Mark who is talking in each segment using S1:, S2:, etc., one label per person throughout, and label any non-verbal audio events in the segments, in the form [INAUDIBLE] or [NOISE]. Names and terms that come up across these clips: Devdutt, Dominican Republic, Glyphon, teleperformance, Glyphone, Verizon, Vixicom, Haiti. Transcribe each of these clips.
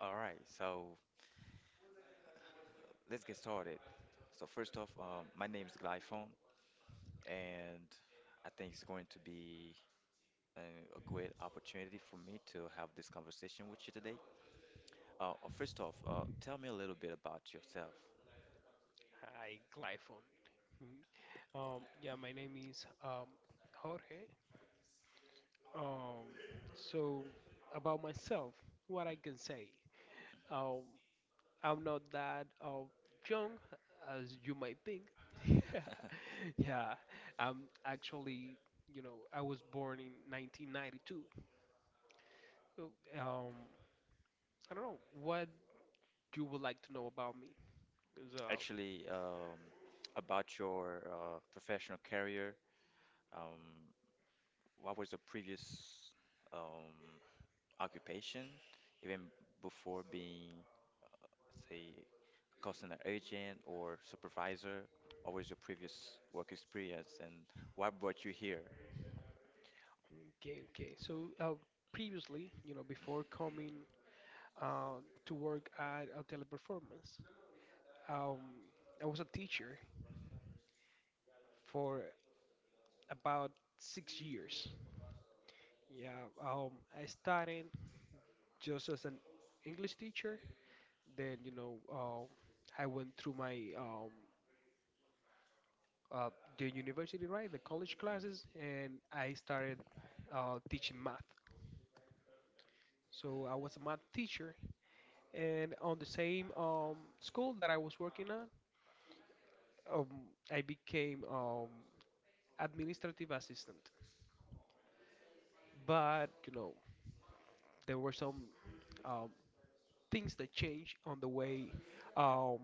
S1: All right, so let's get started. So first off, my name is Glyphone, and I think it's going to be a great opportunity for me to have this conversation with you today. First off, tell me a little bit about yourself.
S2: Hi, Glyphon. Mhm. Yeah, my name is Jorge. Um, so, about myself, what I can say, um, I'm not that young as you might think. [LAUGHS] Yeah, I'm actually, you know, I was born in 1992. So, um, I don't know what you would like to know about me. 'cause, uh,
S1: Actually, about your professional career. Um, what was your previous um, occupation, even before being, say, a customer agent or supervisor? What was your previous work experience and what brought you here?
S2: Okay, okay. So, previously, you know, before coming to work at a teleperformance. Um, I was a teacher for about 6 years. Yeah, I started just as an English teacher. Then, you know, I went through my uh, the university, right, the college classes, and I started teaching math. So I was a math teacher, and on the same school that I was working at, um, I became administrative assistant. But you know there were some um, things that changed on the way um,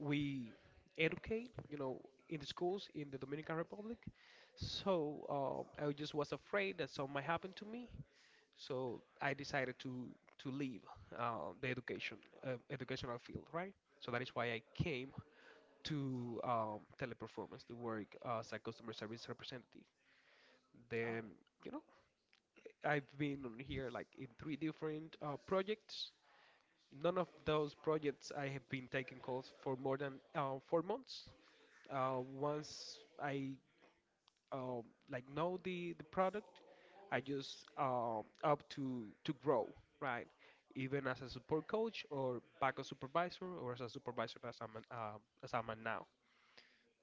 S2: we educate, you know, in the schools in the Dominican Republic. So I just was afraid that something might happen to me, so I decided to leave the education educational field, right? So that is why I came to teleperformance to work as a customer service representative.
S1: Oh,
S2: Then you know I've been on here like in three different projects. None of those projects I have been taking calls for more than 4 months. Once I uh, like know the product, I just up to grow, right? Even as a support coach or backup supervisor or as a supervisor as I'm an now.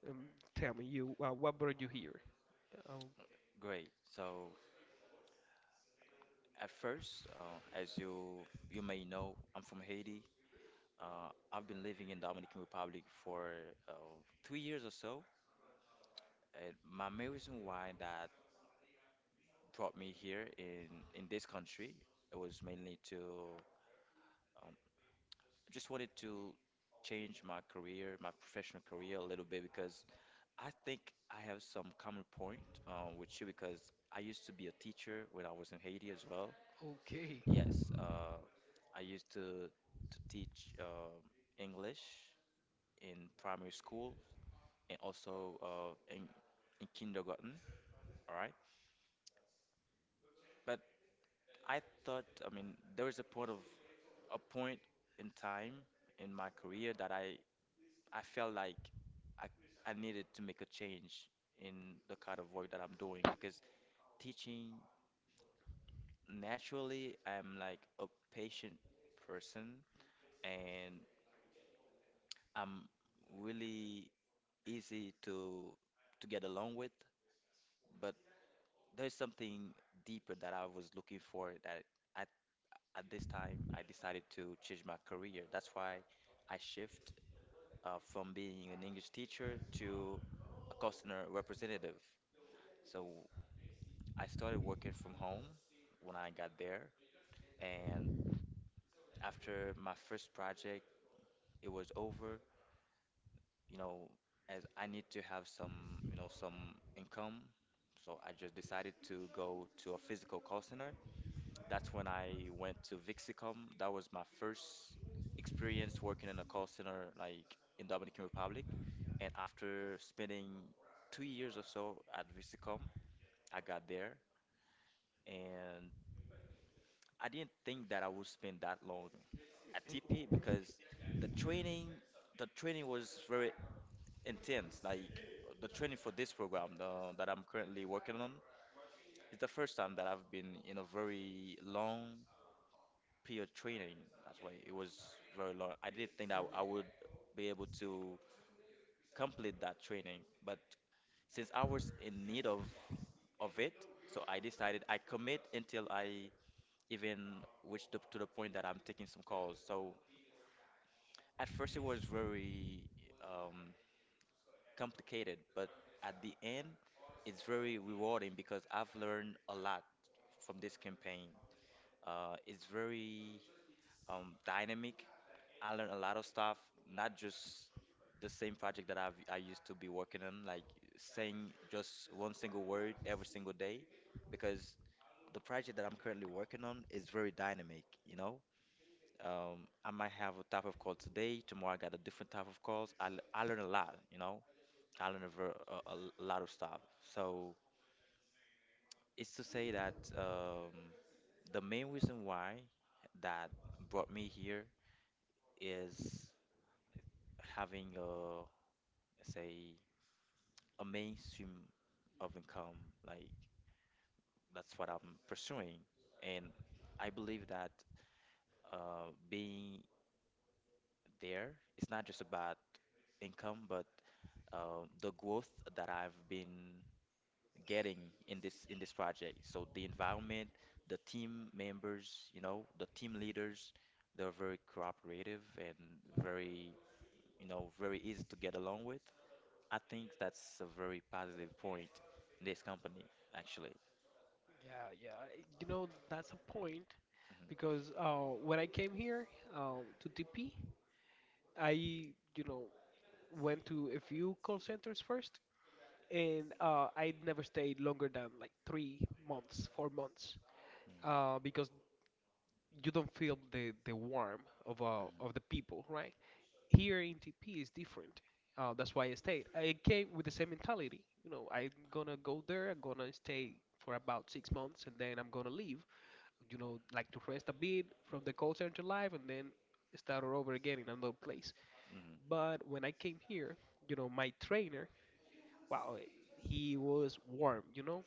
S2: Um, Tell me you what brought you here? Oh,
S1: great. So at first, as you may know, I'm from Haiti. I've been living in Dominican Republic for uh, 3 years or so. And my main reason why that brought me here in this country, it was mainly to um, I just wanted to change my career, my professional career a little bit because I think I have some common point with you because I used to be a teacher when I was in Haiti as well.
S2: okay.
S1: Yes, I used to teach English in primary school and also in kindergarten. All right, but I thought, I mean, there was a point of a point in time in my career that I felt like I I needed to make a change in the kind of work that I'm doing because teaching. Naturally, I'm like a patient person, and I'm really easy to get along with, but there's something deeper that I was looking for that at at this time I decided to change my career. That's why I shift from being an English teacher to a customer representative. So I started working from home when I got there, and after my first project, it was over. You know, as I need to have some, you know, some income. So I just decided to go to a physical call center. That's when I went to Vixicom. That was my first experience working in a call center like in Dominican Republic. And after spending 2 years or so at Vixicom, I got there, and I didn't think that I would spend that long at TP
S2: [LAUGHS]
S1: because the training, the training was very intense. Like the training for this program, the, that I'm currently working on, it's the first time that I've been in a very long period training. That's why it was very long. I didn't think that I would be able to complete that training, but since I was in need of it, so I decided I commit until I even reach the, to the point that I'm taking some calls. So at first it was very um, complicated, but at the end, it's very rewarding because I've learned a lot from this campaign. It's very dynamic. I learned a lot of stuff, not just the same project that I used to be working on, like saying just one single word every single day, because the project that I'm currently working on is very dynamic, you know? I might have a type of call today, tomorrow I got a different type of calls. I learn a lot, you know? I learned a lot of stuff. So it's to say that the main reason why that brought me here is having a, say, a mainstream of income. Like that's what I'm pursuing, and I believe that being there, it's not just about income, but the growth that I've been getting in this project. So the environment, the team members, you know, the team leaders, they're very cooperative and very, you know, very easy to get along with. I think that's a very positive point in this company, actually.
S2: Yeah, yeah. I- You know, that's a point
S1: Mhm,
S2: because when I came here to TP, I, you know, went to a few call centers first, and I never stayed longer than like 3 months, 4 months,
S1: mhm,
S2: because you don't feel the warmth of the people, right? Here in TP is different. That's why I stayed. I came with the same mentality. You know, I'm gonna go there. I'm gonna stay for about 6 months, and then I'm gonna leave, you know, like to rest a bit from the call center life, and then start all over again in another place.
S1: mhm, mhm, mhm.
S2: But when I came here, you know, my trainer, wow, he was warm, you know,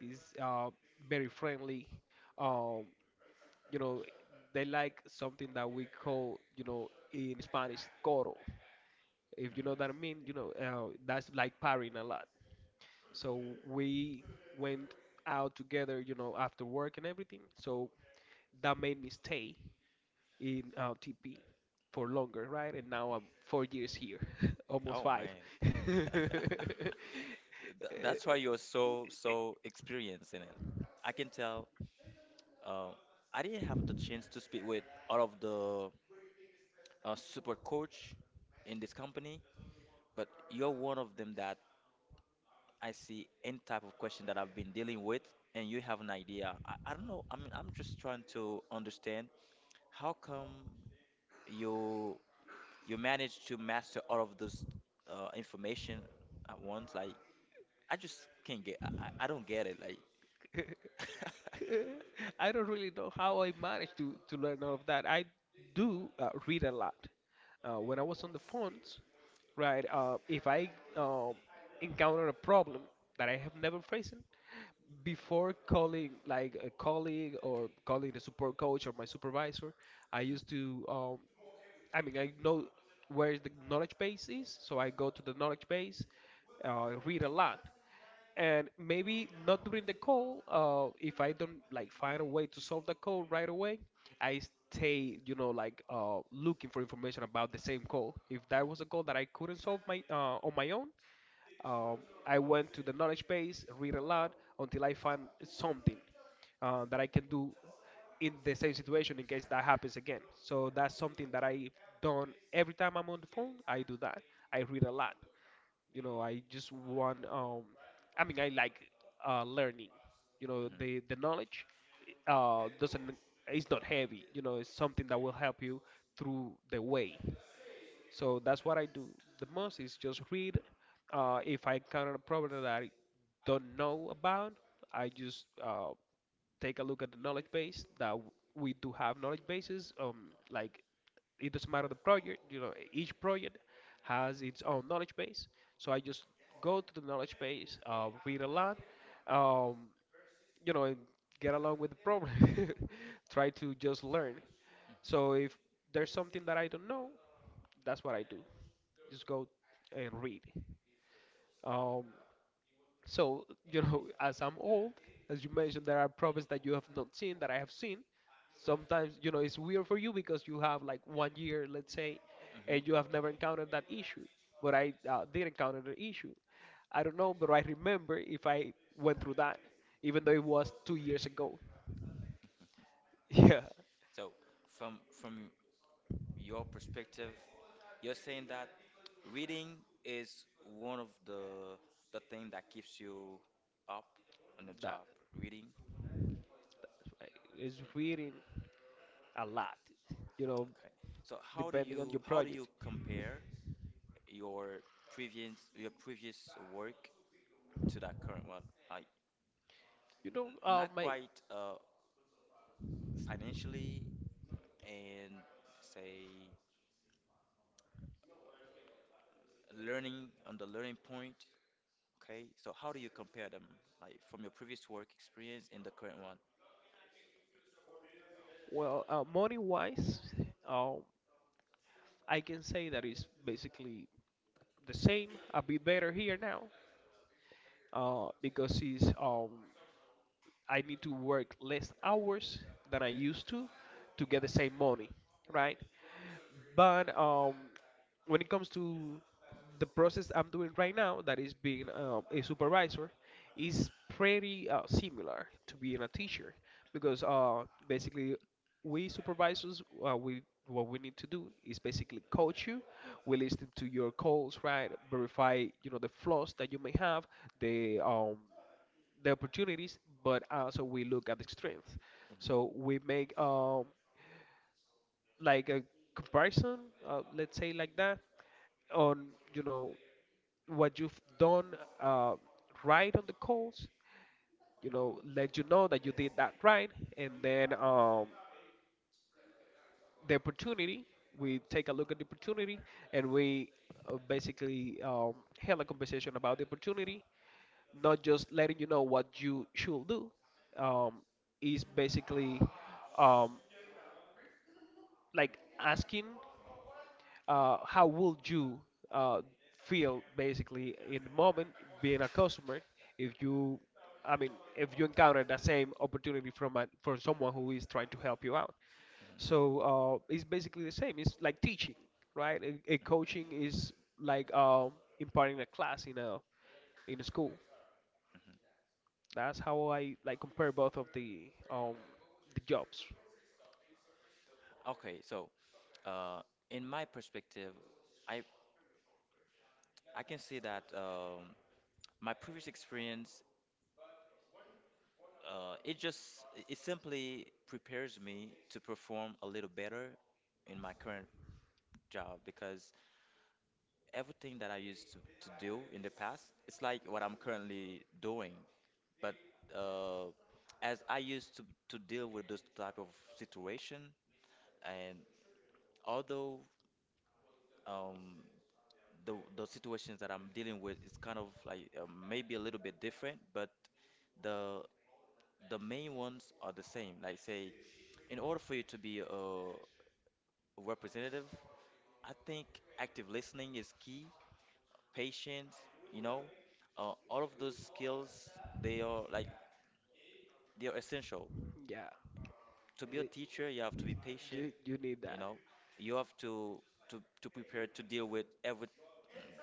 S2: he's very friendly. Um, you know, they like something that we call, you know, in Spanish, coro. If you know what I mean, you know, that's like partying a lot. So we went out together, you know, after work and everything. So that made me stay in TP for longer, right? And now I'm 4 years here, [LAUGHS] almost
S1: Oh
S2: five.
S1: man.
S2: [LAUGHS]
S1: [LAUGHS]
S2: [LAUGHS]
S1: Th- That's why you're so experienced in it. I can tell. Uh, I didn't have the chance to speak with all of the support coach in this company, but you're one of them that I see any type of question that I've been dealing with, and you have an idea. I don't know. I mean, I'm just trying to understand how come you you manage to master all of this information at once. Like, I just can't get. I don't get it. Like. [LAUGHS]
S2: I don't really know how I managed to learn all of that. I do read a lot. When I was on the phones, right, if I um, encounter a problem that I have never faced, before calling like a colleague or calling the support coach or my supervisor, I used to I mean I know where the knowledge base is, so I go to the knowledge base, read a lot, and maybe not during the call. If I don't like find a way to solve the call right away, I stay, you know, like looking for information about the same call. If that was a call that I couldn't solve my on my own, um, I went to the knowledge base, read a lot until I find something that I can do in the same situation in case that happens again. So that's something that I've done every time I'm on the phone. I do that. I read a lot. You know, I just want. I mean, I like learning. You
S1: Mhm,
S2: know,
S1: mhm,
S2: the knowledge doesn't. It's not heavy. You know, it's something that will help you through the way. So that's what I do the most is just read. If I encounter a problem that I don't know about, I just take a look at the knowledge base we do have knowledge bases. Like it doesn't matter the project, you know, each project has its own knowledge base. So I just go to the knowledge base, read a lot, um, you know, and get along with the problem. [LAUGHS] Try to just learn. So if there's something that I don't know, that's what I do, just go and read. Um, so, you know, [LAUGHS] as I'm old, as you mentioned, there are problems that you have not seen that I have seen. Sometimes, you know, it's weird for you because you have like one year, let's say,
S1: mhm.
S2: and you have never encountered that issue. But I did encounter the issue. I don't know, but I remember if I went through that, even though it was 2 years ago. [LAUGHS] Yeah,
S1: So, from your perspective, you're saying that reading is one of the thing that keeps you up on the
S2: that
S1: job. Reading.
S2: is reading a lot, you know,
S1: Okay. So
S2: depending on your
S1: how do
S2: project.
S1: you compare your previous work to that current one? Like
S2: You know,
S1: not
S2: my
S1: quite financially and, say, learning on the learning point. Okay. So how do you compare them, like, from your previous work experience and the current one?
S2: Well, money wise, um, I can say that it's basically the same. A bit better here now because it's I need to work less hours than I used to get the same money, right? But when it comes to the process I'm doing right now, that is being a supervisor, is pretty similar to being a teacher because basically we supervisors we what we need to do is basically coach you. We listen to your calls, right? Verify, you know, the flaws that you may have, the um, the opportunities, but also we look at the strength.
S1: Mhm,
S2: So we make like a comparison, let's say like that, on, you know, what you've done uh, right on the calls. You know, let you know that you did that right, and then the opportunity. We take a look at the opportunity, and we basically had a conversation about the opportunity, not just letting you know what you should do. um, is basically um, like asking how would you uh, feel basically in the moment being a customer if you i mean if you encounter that same opportunity from from someone who is trying to help you out. So it's basically the same. It's like teaching, right? A coaching is like imparting a class in a school. That's how I like compare both of the jobs.
S1: mhm. Okay. So uh, in my perspective. I I can say that my previous experience, it just it simply prepares me to perform a little better in my current job because everything that I used to do in the past, it's like what I'm currently doing. But uh, as I used to deal with those type of situation, and although um, the situations that I'm dealing with is kind of like maybe a little bit different, but the the main ones are the same. Like, say, in order for you to be a representative, I think active listening is key, patience, you know, all of those skills, they are like, they are essential.
S2: Yeah,
S1: To be a
S2: it,
S1: teacher, you have to be patient,
S2: you you need
S1: you
S2: that.
S1: know, you have to prepare to deal with every,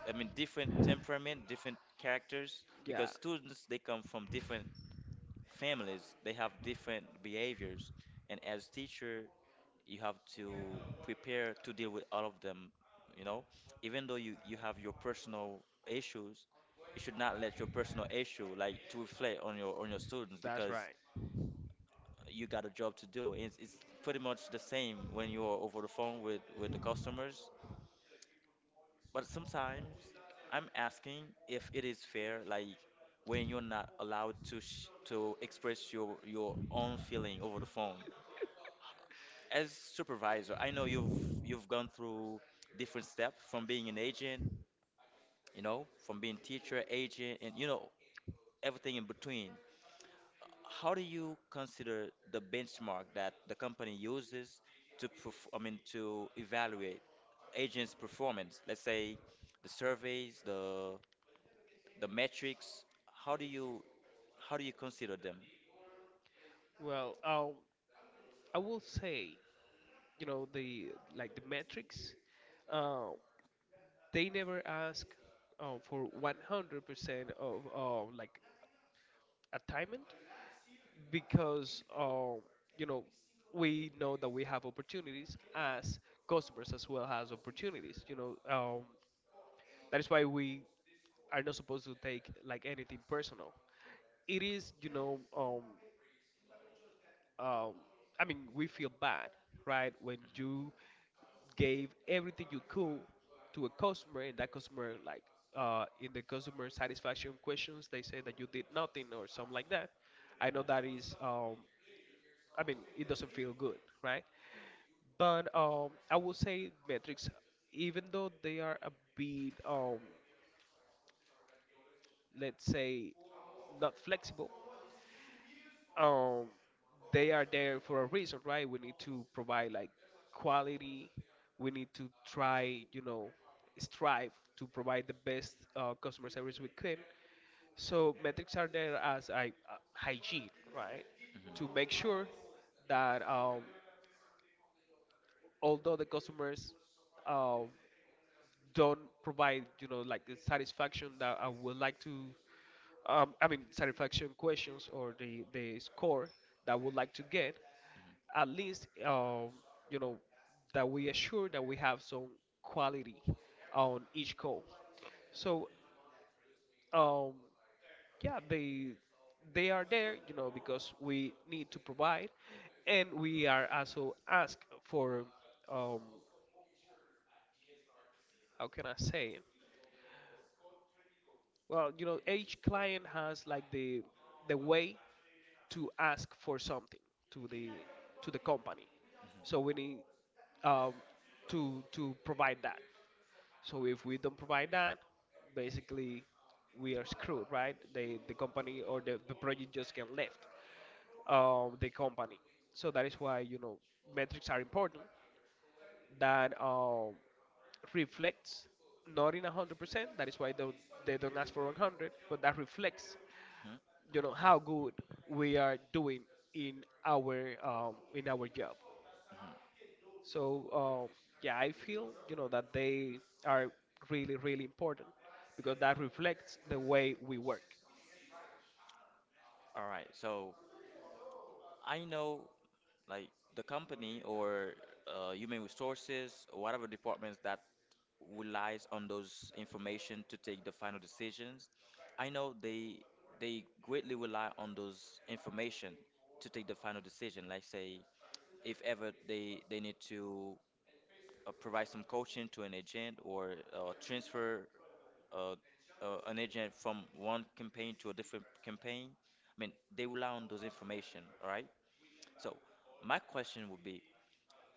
S1: I mean, different temperament, different characters, because
S2: Yeah,
S1: students, they come from different families, they have different behaviors. And as teacher, you have to prepare to deal with all of them, you know? Even though you have your personal issues, you should not let your personal issue like to reflect on your students
S2: that's
S1: because
S2: right.
S1: you got a job to do. It's pretty much the same when you're over the phone with the customers. But sometimes I'm asking if it is fair, like when you're not allowed to sh to express your own feeling over the phone. As supervisor, I know you've gone through different steps from being an agent, you know, from being teacher, agent, and you know everything in between. How do you consider the benchmark that the company uses to perf- I mean to evaluate agents' performance? Let's say the surveys, the metrics. How do you how do you consider them?
S2: Well, I will say, you know, the like the metrics, uh, they never ask for 100% of like attainment because you know we know that we have opportunities as customers as well as opportunities. You know, that is why we are not supposed to take like anything personal. It is, you know, um, I mean, we feel bad, right, when you gave everything you could to a customer, and that customer, like, in the customer satisfaction questions, they say that you did nothing or something like that. I know that is, I mean, it doesn't feel good, right? But I would say metrics, even though they are a bit let's say not flexible, um they are there for a reason, right? We need to provide like quality, we need to try, you know, strive to provide the best customer service we can. So metrics are there as a, hygiene, right, to
S1: Mhm,
S2: make sure that although the customers um, don't provide, you know, like the satisfaction that I would like to I mean satisfaction questions or the score that I would like to get,
S1: mhm,
S2: at least you know that we assure that we have some quality on each call. So um, yeah, they are there, you know, because we need to provide, and we are also asked for, um, how can I say it? Well, you know, each client has like the way to ask for something to the to the company. So
S1: mhm,
S2: we need um, to provide that. So if we don't provide that, basically we are screwed, right? The company or the project just get left the company. So that is why, you know, metrics are important that reflects not in 100%. That is why they don't ask for 100, but that reflects,
S1: mhm,
S2: you know, how good we are doing in our job.
S1: mhm.
S2: So um, yeah, I feel, you know, that they are really important because that reflects the way we work.
S1: All right, so I know, like, the company or human resources or whatever departments that relies on those information to take the final decisions. I know they greatly rely on those information to take the final decision, like, say, if ever they need to provide some coaching to an agent or transfer uh, an agent from one campaign to a different campaign. I mean, they rely on those information, all right? So my question would be,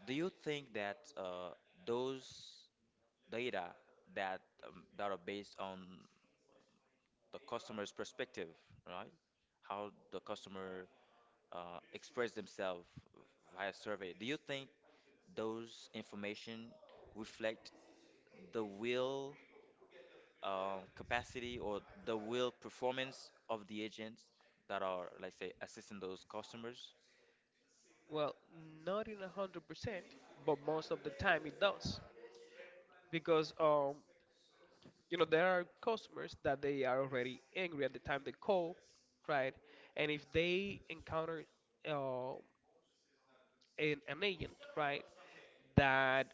S1: do you think that those data that that are based on the customer's perspective, right? How the customer express themselves via survey. Do you think those information reflect the will capacity or the will performance of the agents that are, like, say, assisting those customers?
S2: Well, not in 100%, but most of the time it does, because you know, there are customers that they are already angry at the time they call, right? And if they encounter uh, an agent, right, that,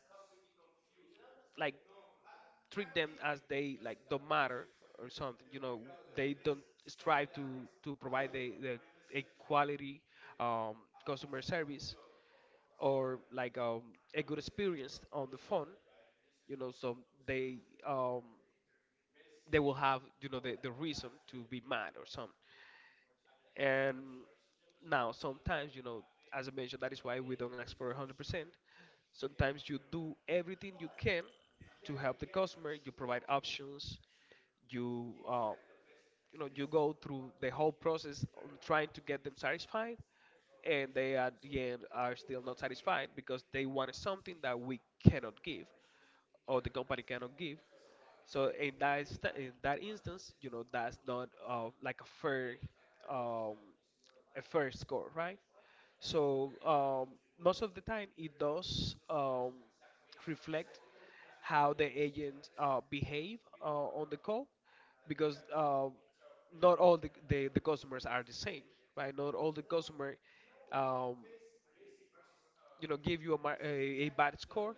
S2: like, treat them as they like don't matter or something, you know, they don't strive to provide the a quality um, customer service, or like a good experience on the phone, you know. So they um, they will have, you know, the reason to be mad or something. And now, sometimes, you know, as I mentioned, that is why we don't ask for 100%. Sometimes you do everything you can to help the customer. You provide options. You, you know, you go through the whole process on trying to get them satisfied, and they at the end are still not satisfied because they wanted something that we cannot give, or the company cannot give. So in that in that instance, you know, that's not like um, a fair score, right? So most of the time, it does reflect how the agents behave on the call, because not all the customers are the same, right? Not all the customer, um, you know, give you a, a bad score,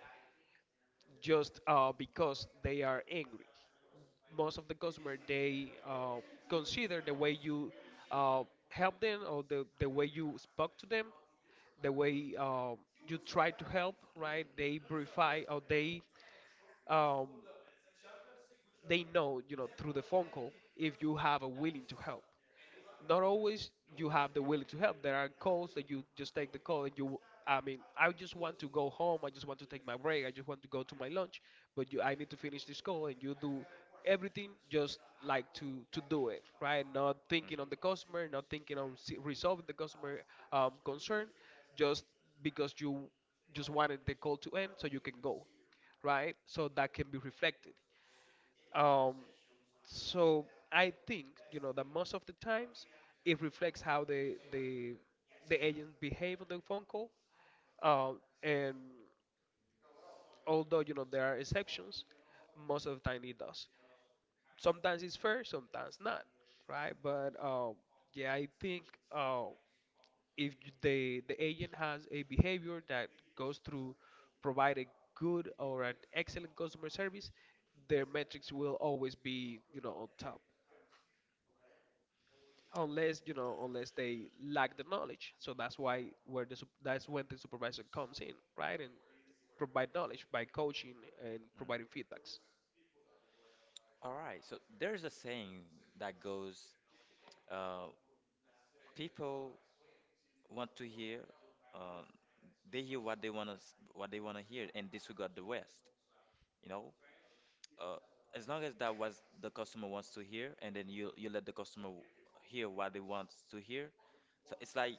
S2: just because they are angry. Most of the customer, they consider the way you uh, help them, or the way you spoke to them, the way you try to help, right? They verify, or um, they know, you know, through the phone call if you have a willing to help. Not always you have the willing to help. There are calls that you just take the call and you. I mean, I just want to go home. I just want to take my break. I just want to go to my lunch. But you, I need to finish this call, and you do everything just like to do it right. Not
S1: Mm,
S2: thinking on the customer, not thinking on resolving the customer concern, just because you just wanted the call to end so you can go, right? So that can be reflected. Um, so I think, you know, that most of the times it reflects how the agents behave on the phone call. And although, you know, there are exceptions, most of the time it does. Sometimes it's fair, sometimes not, right? But yeah, I think, uh, if the agent has a behavior that goes through, provide a good or an excellent customer service, their metrics will always be, you know, on top. Unless, you know, unless they lack the knowledge. So that's why where that's when the supervisor comes in, right, and provide knowledge by coaching and providing
S1: mm.
S2: feedbacks.
S1: All right. So there's a saying that goes, uh, people want to hear, uh, they hear what they want to what they want to hear and disregard the rest. You know, uh, as long as that was the customer wants to hear, and then you let the customer hear what they want to hear. So it's like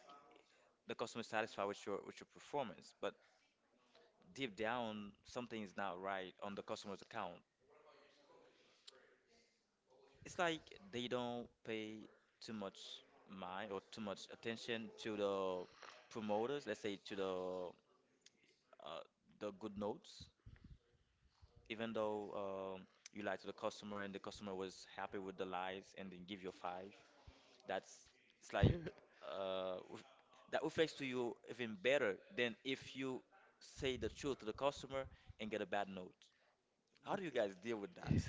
S1: the customer is satisfied with your performance, but deep down something is not right on the customer's account. It's like they don't pay too much mind or too much attention to the promoters, let's say to uh, the good notes, even though you lied to the customer and the customer was happy with the lies and then give you a five, that's it's like
S2: [LAUGHS]
S1: uh, w- that reflects to you even better than if you say the truth to the customer and get a bad note. How do you guys deal with that?
S2: Yeah.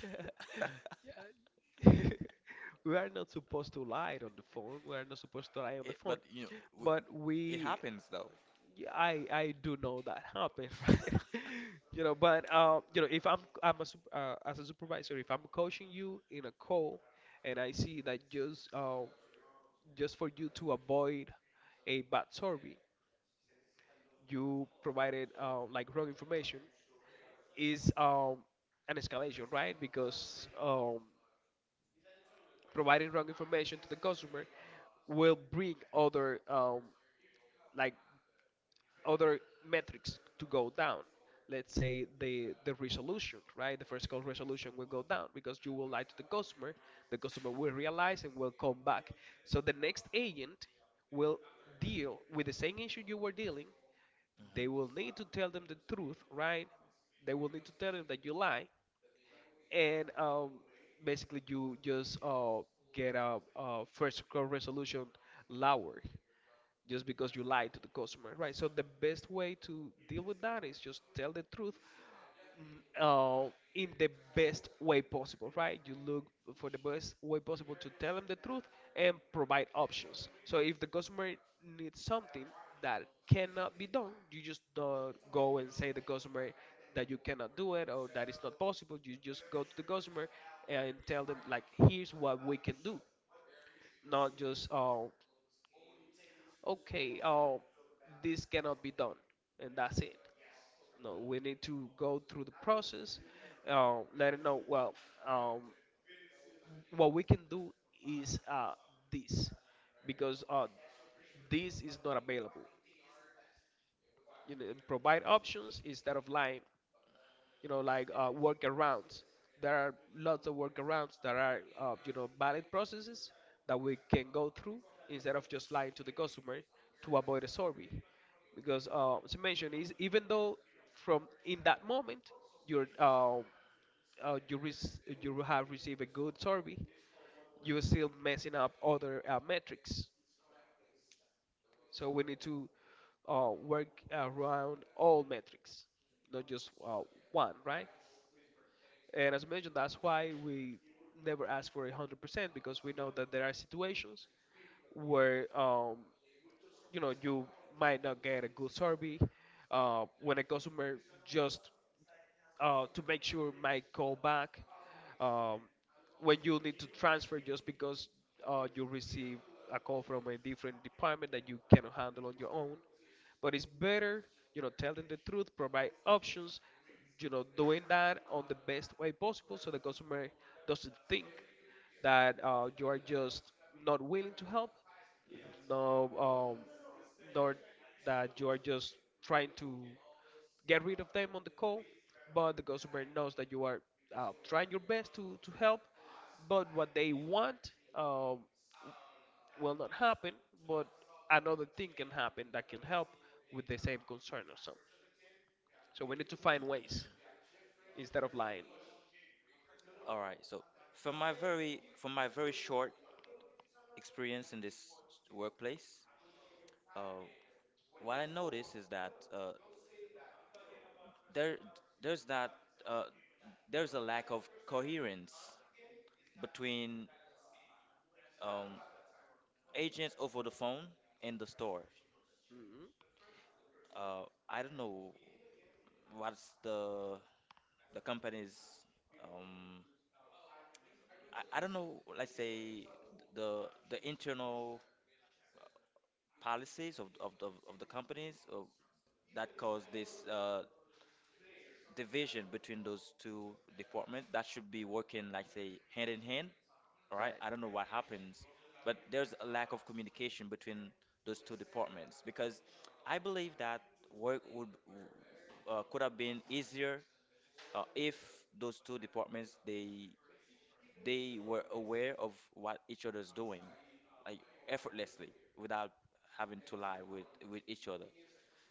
S2: [LAUGHS] We are not supposed to lie on the phone. We are not supposed to lie
S1: [LAUGHS]
S2: on the
S1: It,
S2: phone
S1: but you know,
S2: but
S1: it
S2: we
S1: happens though. [LAUGHS]
S2: Yeah, I do know that happened. [LAUGHS] Right, you know, but you know, if as a supervisor, if I'm coaching you in a call and I see that, just for you to avoid a bad survey, you provided like wrong information, is an escalation, right? Because providing wrong information to the customer will bring other like other metrics to go down. Let's say the resolution, right? The first call resolution will go down because you will lie to the customer. The customer will realize and will come back. So the next agent will deal with the same issue you were dealing. They
S1: Mhm.
S2: will need to tell them the truth, right? They will need to tell them that you lie, and basically you just get a first call resolution lower, just because you lied to the customer, right? So the best way to deal with that is just tell the truth, in the best way possible, right? You look for the best way possible to tell them the truth and provide options. So if the customer needs something that cannot be done, you just don't go and say the customer that you cannot do it, or that it's not possible. You just go to the customer and tell them like, here's what we can do. Not just okay, this cannot be done, and that's it. No, we need to go through the process. Let them know. Well, um, what we can do is this, because this is not available. You know, provide options instead of lying, you know, like, workarounds. There are lots of workarounds that are, you know, valid processes that we can go through instead of just lying to the customer to avoid a survey. Because, as I mentioned, is even though from in that moment you're, you, you have received a good survey, you're still messing up other metrics. So we need to work around all metrics, not just one, right? And as I mentioned, that's why we never ask for 100% because we know that there are situations where you know, you might not get a good survey when a customer just to make sure might call back, um, when you need to transfer just because you receive a call from a different department that you cannot handle on your own. But it's better, you know, telling the truth, provide options, you know, doing that on the best way possible, so the customer doesn't think that you are just not willing to help, no, nor that you are just trying to get rid of them on the call, but the customer knows that you are, trying your best to help, but what they want will not happen, but another thing can happen that can help with the same concern or something. So we need to find ways instead of lying.
S1: All right. So from my very short experience in this workplace, uh, what I noticed is that there there's that. Uh, there's a lack of coherence between um, agents over the phone and the store.
S2: Mhm,
S1: Uh, I don't know what's the the company's um, I, I don't know, let's say, the internal policies of the companies that cause this division between those two departments that should be working, like, say, hand in hand. All right, I
S2: right.
S1: don't know what happens, but there's a lack of communication between those two departments because I believe that work would could have been easier if those two departments, they were aware of what each other's doing, like, effortlessly, without having to lie with each other.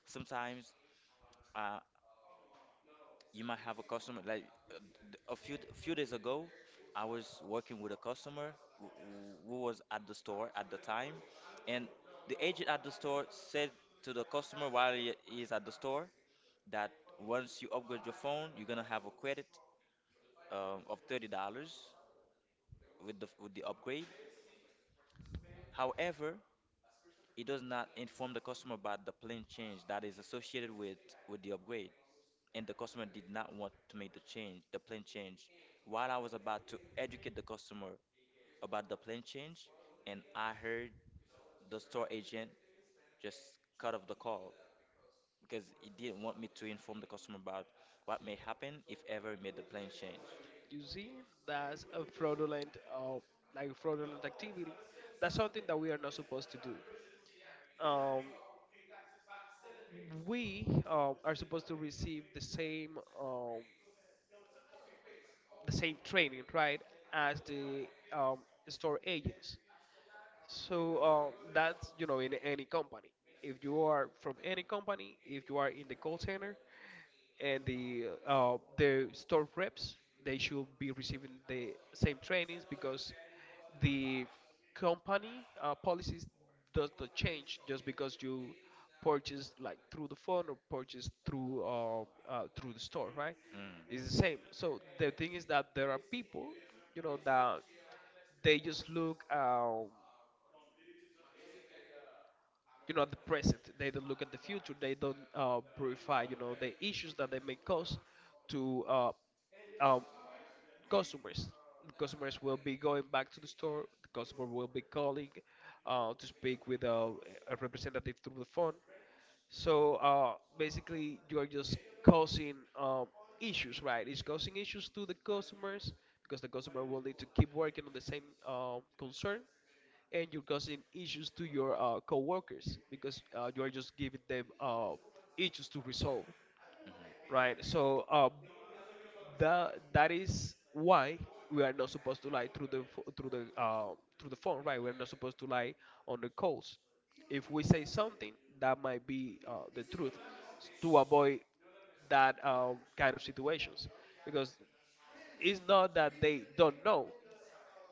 S1: Sometimes. Uh, you might have a customer, like, uh, a few days ago, I was working with a customer who, who was at the store at the time, and the agent at the store said to the customer, while he is at the store, that once you upgrade your phone, you're gonna have a credit of $30 with the upgrade. However, it does not inform the customer about the plan change that is associated with the upgrade, and the customer did not want to make the change, the plan change. While I was about to educate the customer about the plan change, and I heard the store agent just cut off the call because he didn't want me to inform the customer about what may happen if ever he made the plan change.
S2: You see, that's a fraudulent, fraudulent activity. That's something that we are not supposed to do. Um, we are supposed to receive the same, the same training, right, as the um, store agents. So that's, you know, in any company. If you are from any company, if you are in the call center, and the store reps, they should be receiving the same trainings, because the company policies does not change just because you purchase like through the phone, or purchase through through the store, right?
S1: Mm,
S2: It's the same. So the thing is that there are people, you know, that they just look. You know, at the present. They don't look at the future. They don't purify, you know, the issues that they may cause to um, customers. The customers will be going back to the store. The customer will be calling to speak with a representative through the phone. So basically, you are just causing issues, right? It's causing issues to the customers because the customer will need to keep working on the same concern, and you're causing issues to your coworkers, because you are just giving them issues to resolve,
S1: mhm,
S2: right? So the that is why we are not supposed to lie through the pho- through the phone, right? We're not supposed to lie on the calls. If we say something that might be the truth, to avoid that kind of situations, because it's not that they don't know.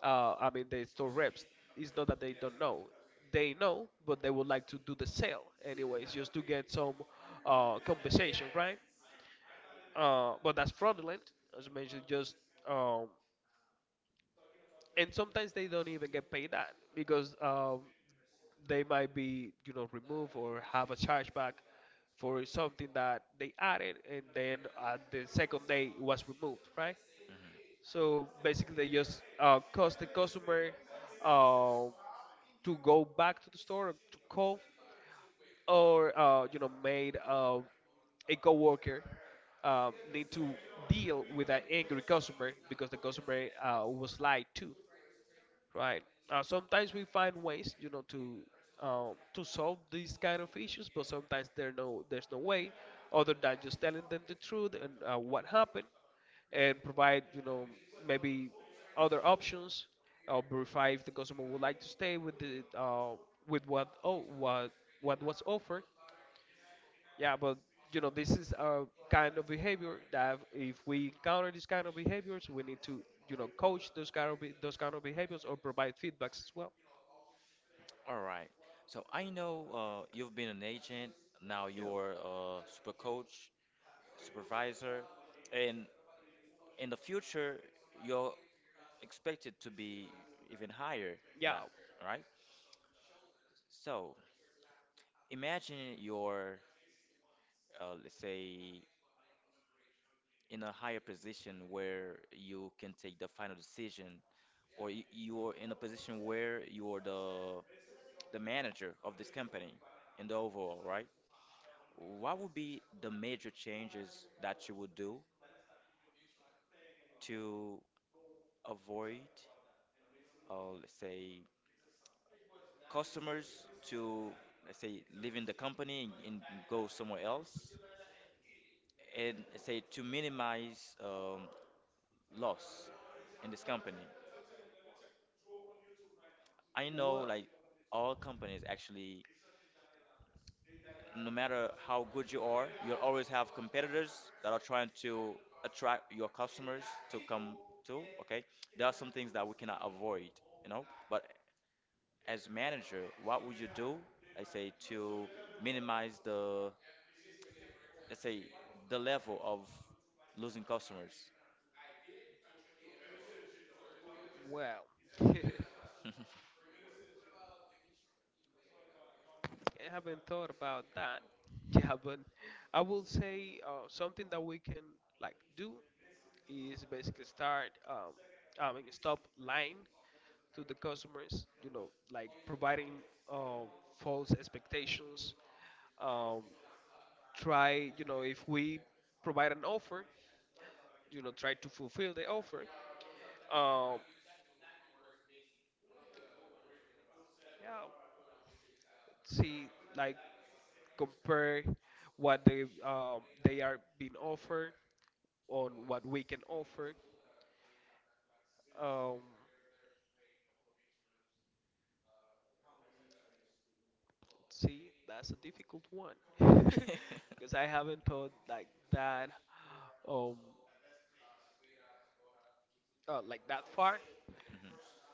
S2: I mean, the store reps. It's not that they don't know. They know, but they would like to do the sale anyways, just to get some compensation, right? But that's fraudulent, as you mentioned. Just um, and sometimes they don't even get paid that, because they might be, you know, removed or have a chargeback for something that they added, and then at the second day it was removed, right?
S1: mhm.
S2: So basically, they just cost the customer uh, to go back to the store or to call, or you know, made a coworker need to deal with an angry customer because the customer was lied to, right? Sometimes we find ways, you know, to solve these kind of issues, but sometimes there there's no way other than just telling them the truth and what happened, and provide, you know, maybe other options, or verify if the customer would like to stay with the with what what was offered. Yeah, but, you know, this is a kind of behavior that if we encounter these kind of behaviors, we need to, you know, coach those kind of behaviors, or provide feedbacks as well.
S1: All right. So I know, you've been an agent, now
S2: Yeah.
S1: you're a super coach, supervisor, and in the future, you're expected to be even higher
S2: Yeah.
S1: that, right? So imagine you're, let's say, in a higher position where you can take the final decision, or you're in a position where you're the manager of this company in the overall, right? What would be the major changes that you would do to avoid, let's say, customers to, let's say, leaving the company and, go somewhere else? And say, to minimize loss in this company. I know,
S2: Well,
S1: like, all companies actually, no matter how good you are, you'll always have competitors that are trying to attract your customers to come to. Okay, there are some things that we cannot avoid, you know. But as manager, what would you do? I say, to minimize the, let's say, the level of losing customers.
S2: well. [LAUGHS]
S1: [LAUGHS] Mhm,
S2: I haven't thought about that. [LAUGHS] Yeah, but I will say, something that we can, like, do is basically start, I mean, stop lying to the customers. You know, like providing uh, false expectations. Um, Try, you know, if we provide an offer, you know, try to fulfill the offer. Um, yeah, see like compare what they are being offered on what we can offer. Um, See, that's a difficult one [LAUGHS]
S1: mhm,
S2: because I haven't thought that um like that far.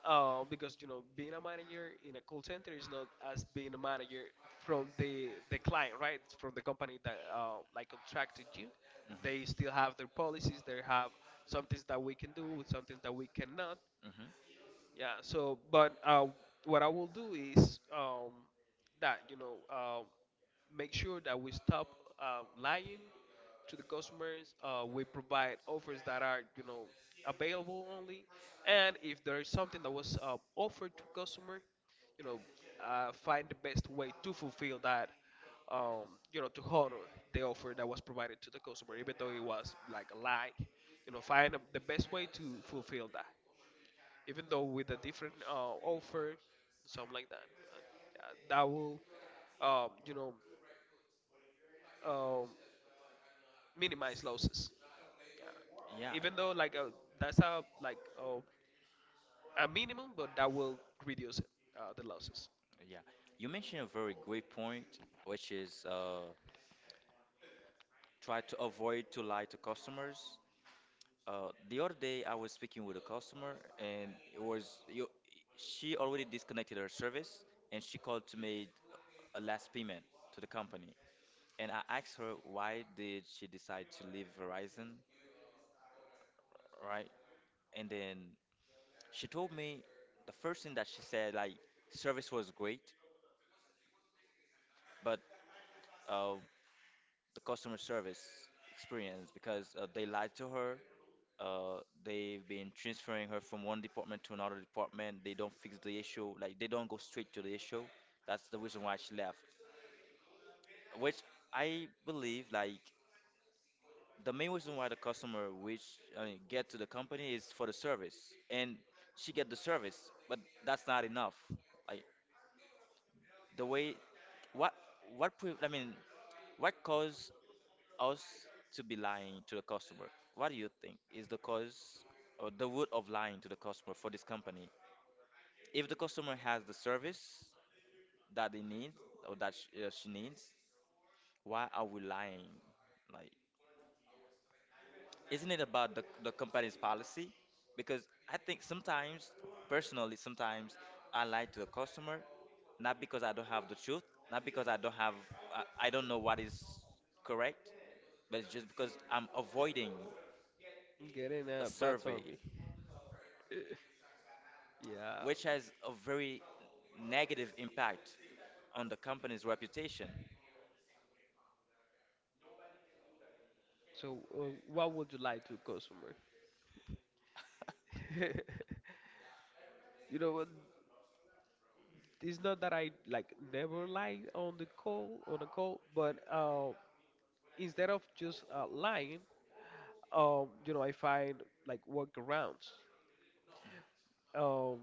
S2: Because you know, being a manager in a call center is not as being a manager from the client, right? From the company that like contracted you. They still have their policies. They have some things that we can do with some things that we cannot.
S1: mhm.
S2: Yeah. So, but what I will do is that you know, make sure that we stop lying to the customers. We provide offers that are, you know, available only. And if there is something that was offered to customer, you know, find the best way to fulfill that. Um, you know, to honor the offer that was provided to the customer, even though it was like a lie. You know, find the best way to fulfill that, even though with a different offer, something like that. Yeah, that will you know, uh, minimize losses. Uh,
S1: Yeah.
S2: Even though like that's a a minimum, but that will reduce it, the losses.
S1: Yeah, you mentioned a very great point, which is, try to avoid to lie to customers. The other day, I was speaking with a customer, and it was you, she already disconnected her service, and she called to make a last payment to the company. And I asked her why did she decide to leave Verizon, right? And then she told me the first thing that she said, like, service was great, but uh, the customer service experience, because they lied to her. They've been transferring her from one department to another department. They don't fix the issue, like they don't go straight to the issue. That's the reason why she left. Which I believe, like, the main reason why the customer, which I mean, get to the company is for the service. And she get the service, but that's not enough. Like, the way, what, I mean, what caused us to be lying to the customer? What do you think is the cause or the root of lying to the customer for this company? If the customer has the service that they need, or that sh she needs, why are we lying? Like, isn't it about the company's policy? Because I think sometimes, personally, sometimes I lie to the customer, not because I don't have the truth, not because I don't have, I don't know what is correct, but it's just because I'm avoiding
S2: Getting
S1: a
S2: a bad
S1: survey,
S2: survey. [LAUGHS] Yeah.
S1: which has a very negative impact on the company's reputation.
S2: So, what would you lie to customer? [LAUGHS] You know what? It's not that I like never lie on the call on a call, but instead of just lying, you know, I find like workarounds. Um,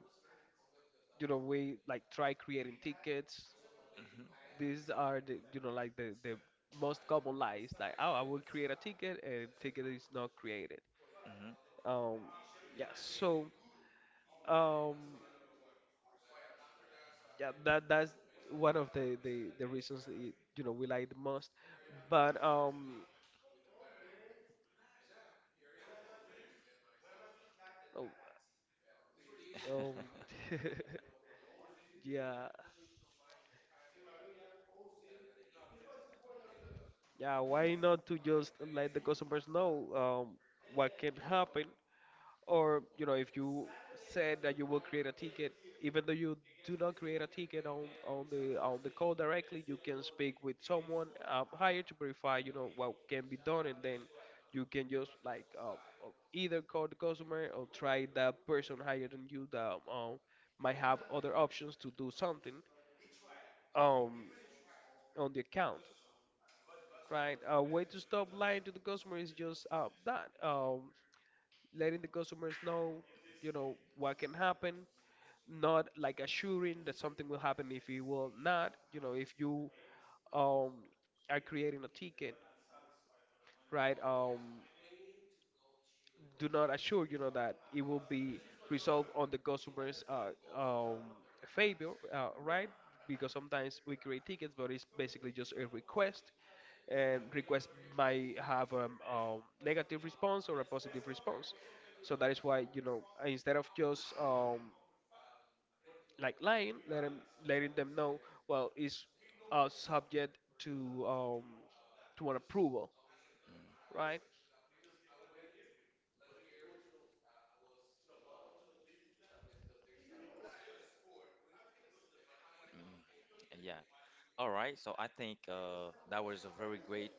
S2: you know, we like try creating tickets.
S1: Hmm.
S2: These are the, you know, like the most common lies. Like, oh, I will create a ticket and ticket is not created.
S1: Hmm.
S2: Um, yeah. So, um, yeah, that's one of the reasons that it, you know we lie the most. But um, oh, um,
S1: [LAUGHS]
S2: [LAUGHS] yeah. Yeah, why not to just let the customers know what can happen? Or, you know, if you said that you will create a ticket, even though you do not create a ticket on the call directly, you can speak with someone higher to verify, you know, what can be done, and then you can just either call the customer or try that person higher than you that might have other options to do something um, on the account. Right. A way to stop lying to the customer is just that letting the customers know, you know, what can happen, not like assuring that something will happen if it will not. You know, if you um, are creating a ticket, right? Do not assure you know that it will be resolved on the customer's um, favor, right? Because sometimes we create tickets, but it's basically just a request, and request might have a negative response or a positive response. So that is why you know instead of just like lying, letting them know, well, it's subject um, to an approval, right?
S1: Mm. Yeah. All right, so I think that was a very great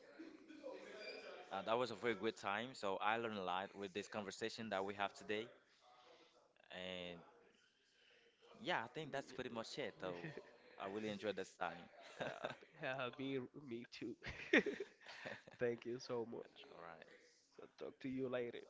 S1: that was a very good time. So I learned a lot with this conversation that we have today, and yeah, I think that's pretty much it. So I really enjoyed this time. [LAUGHS] All
S2: [LAUGHS] Me, me too. [LAUGHS] Thank you so much.
S1: right.
S2: So talk to you later.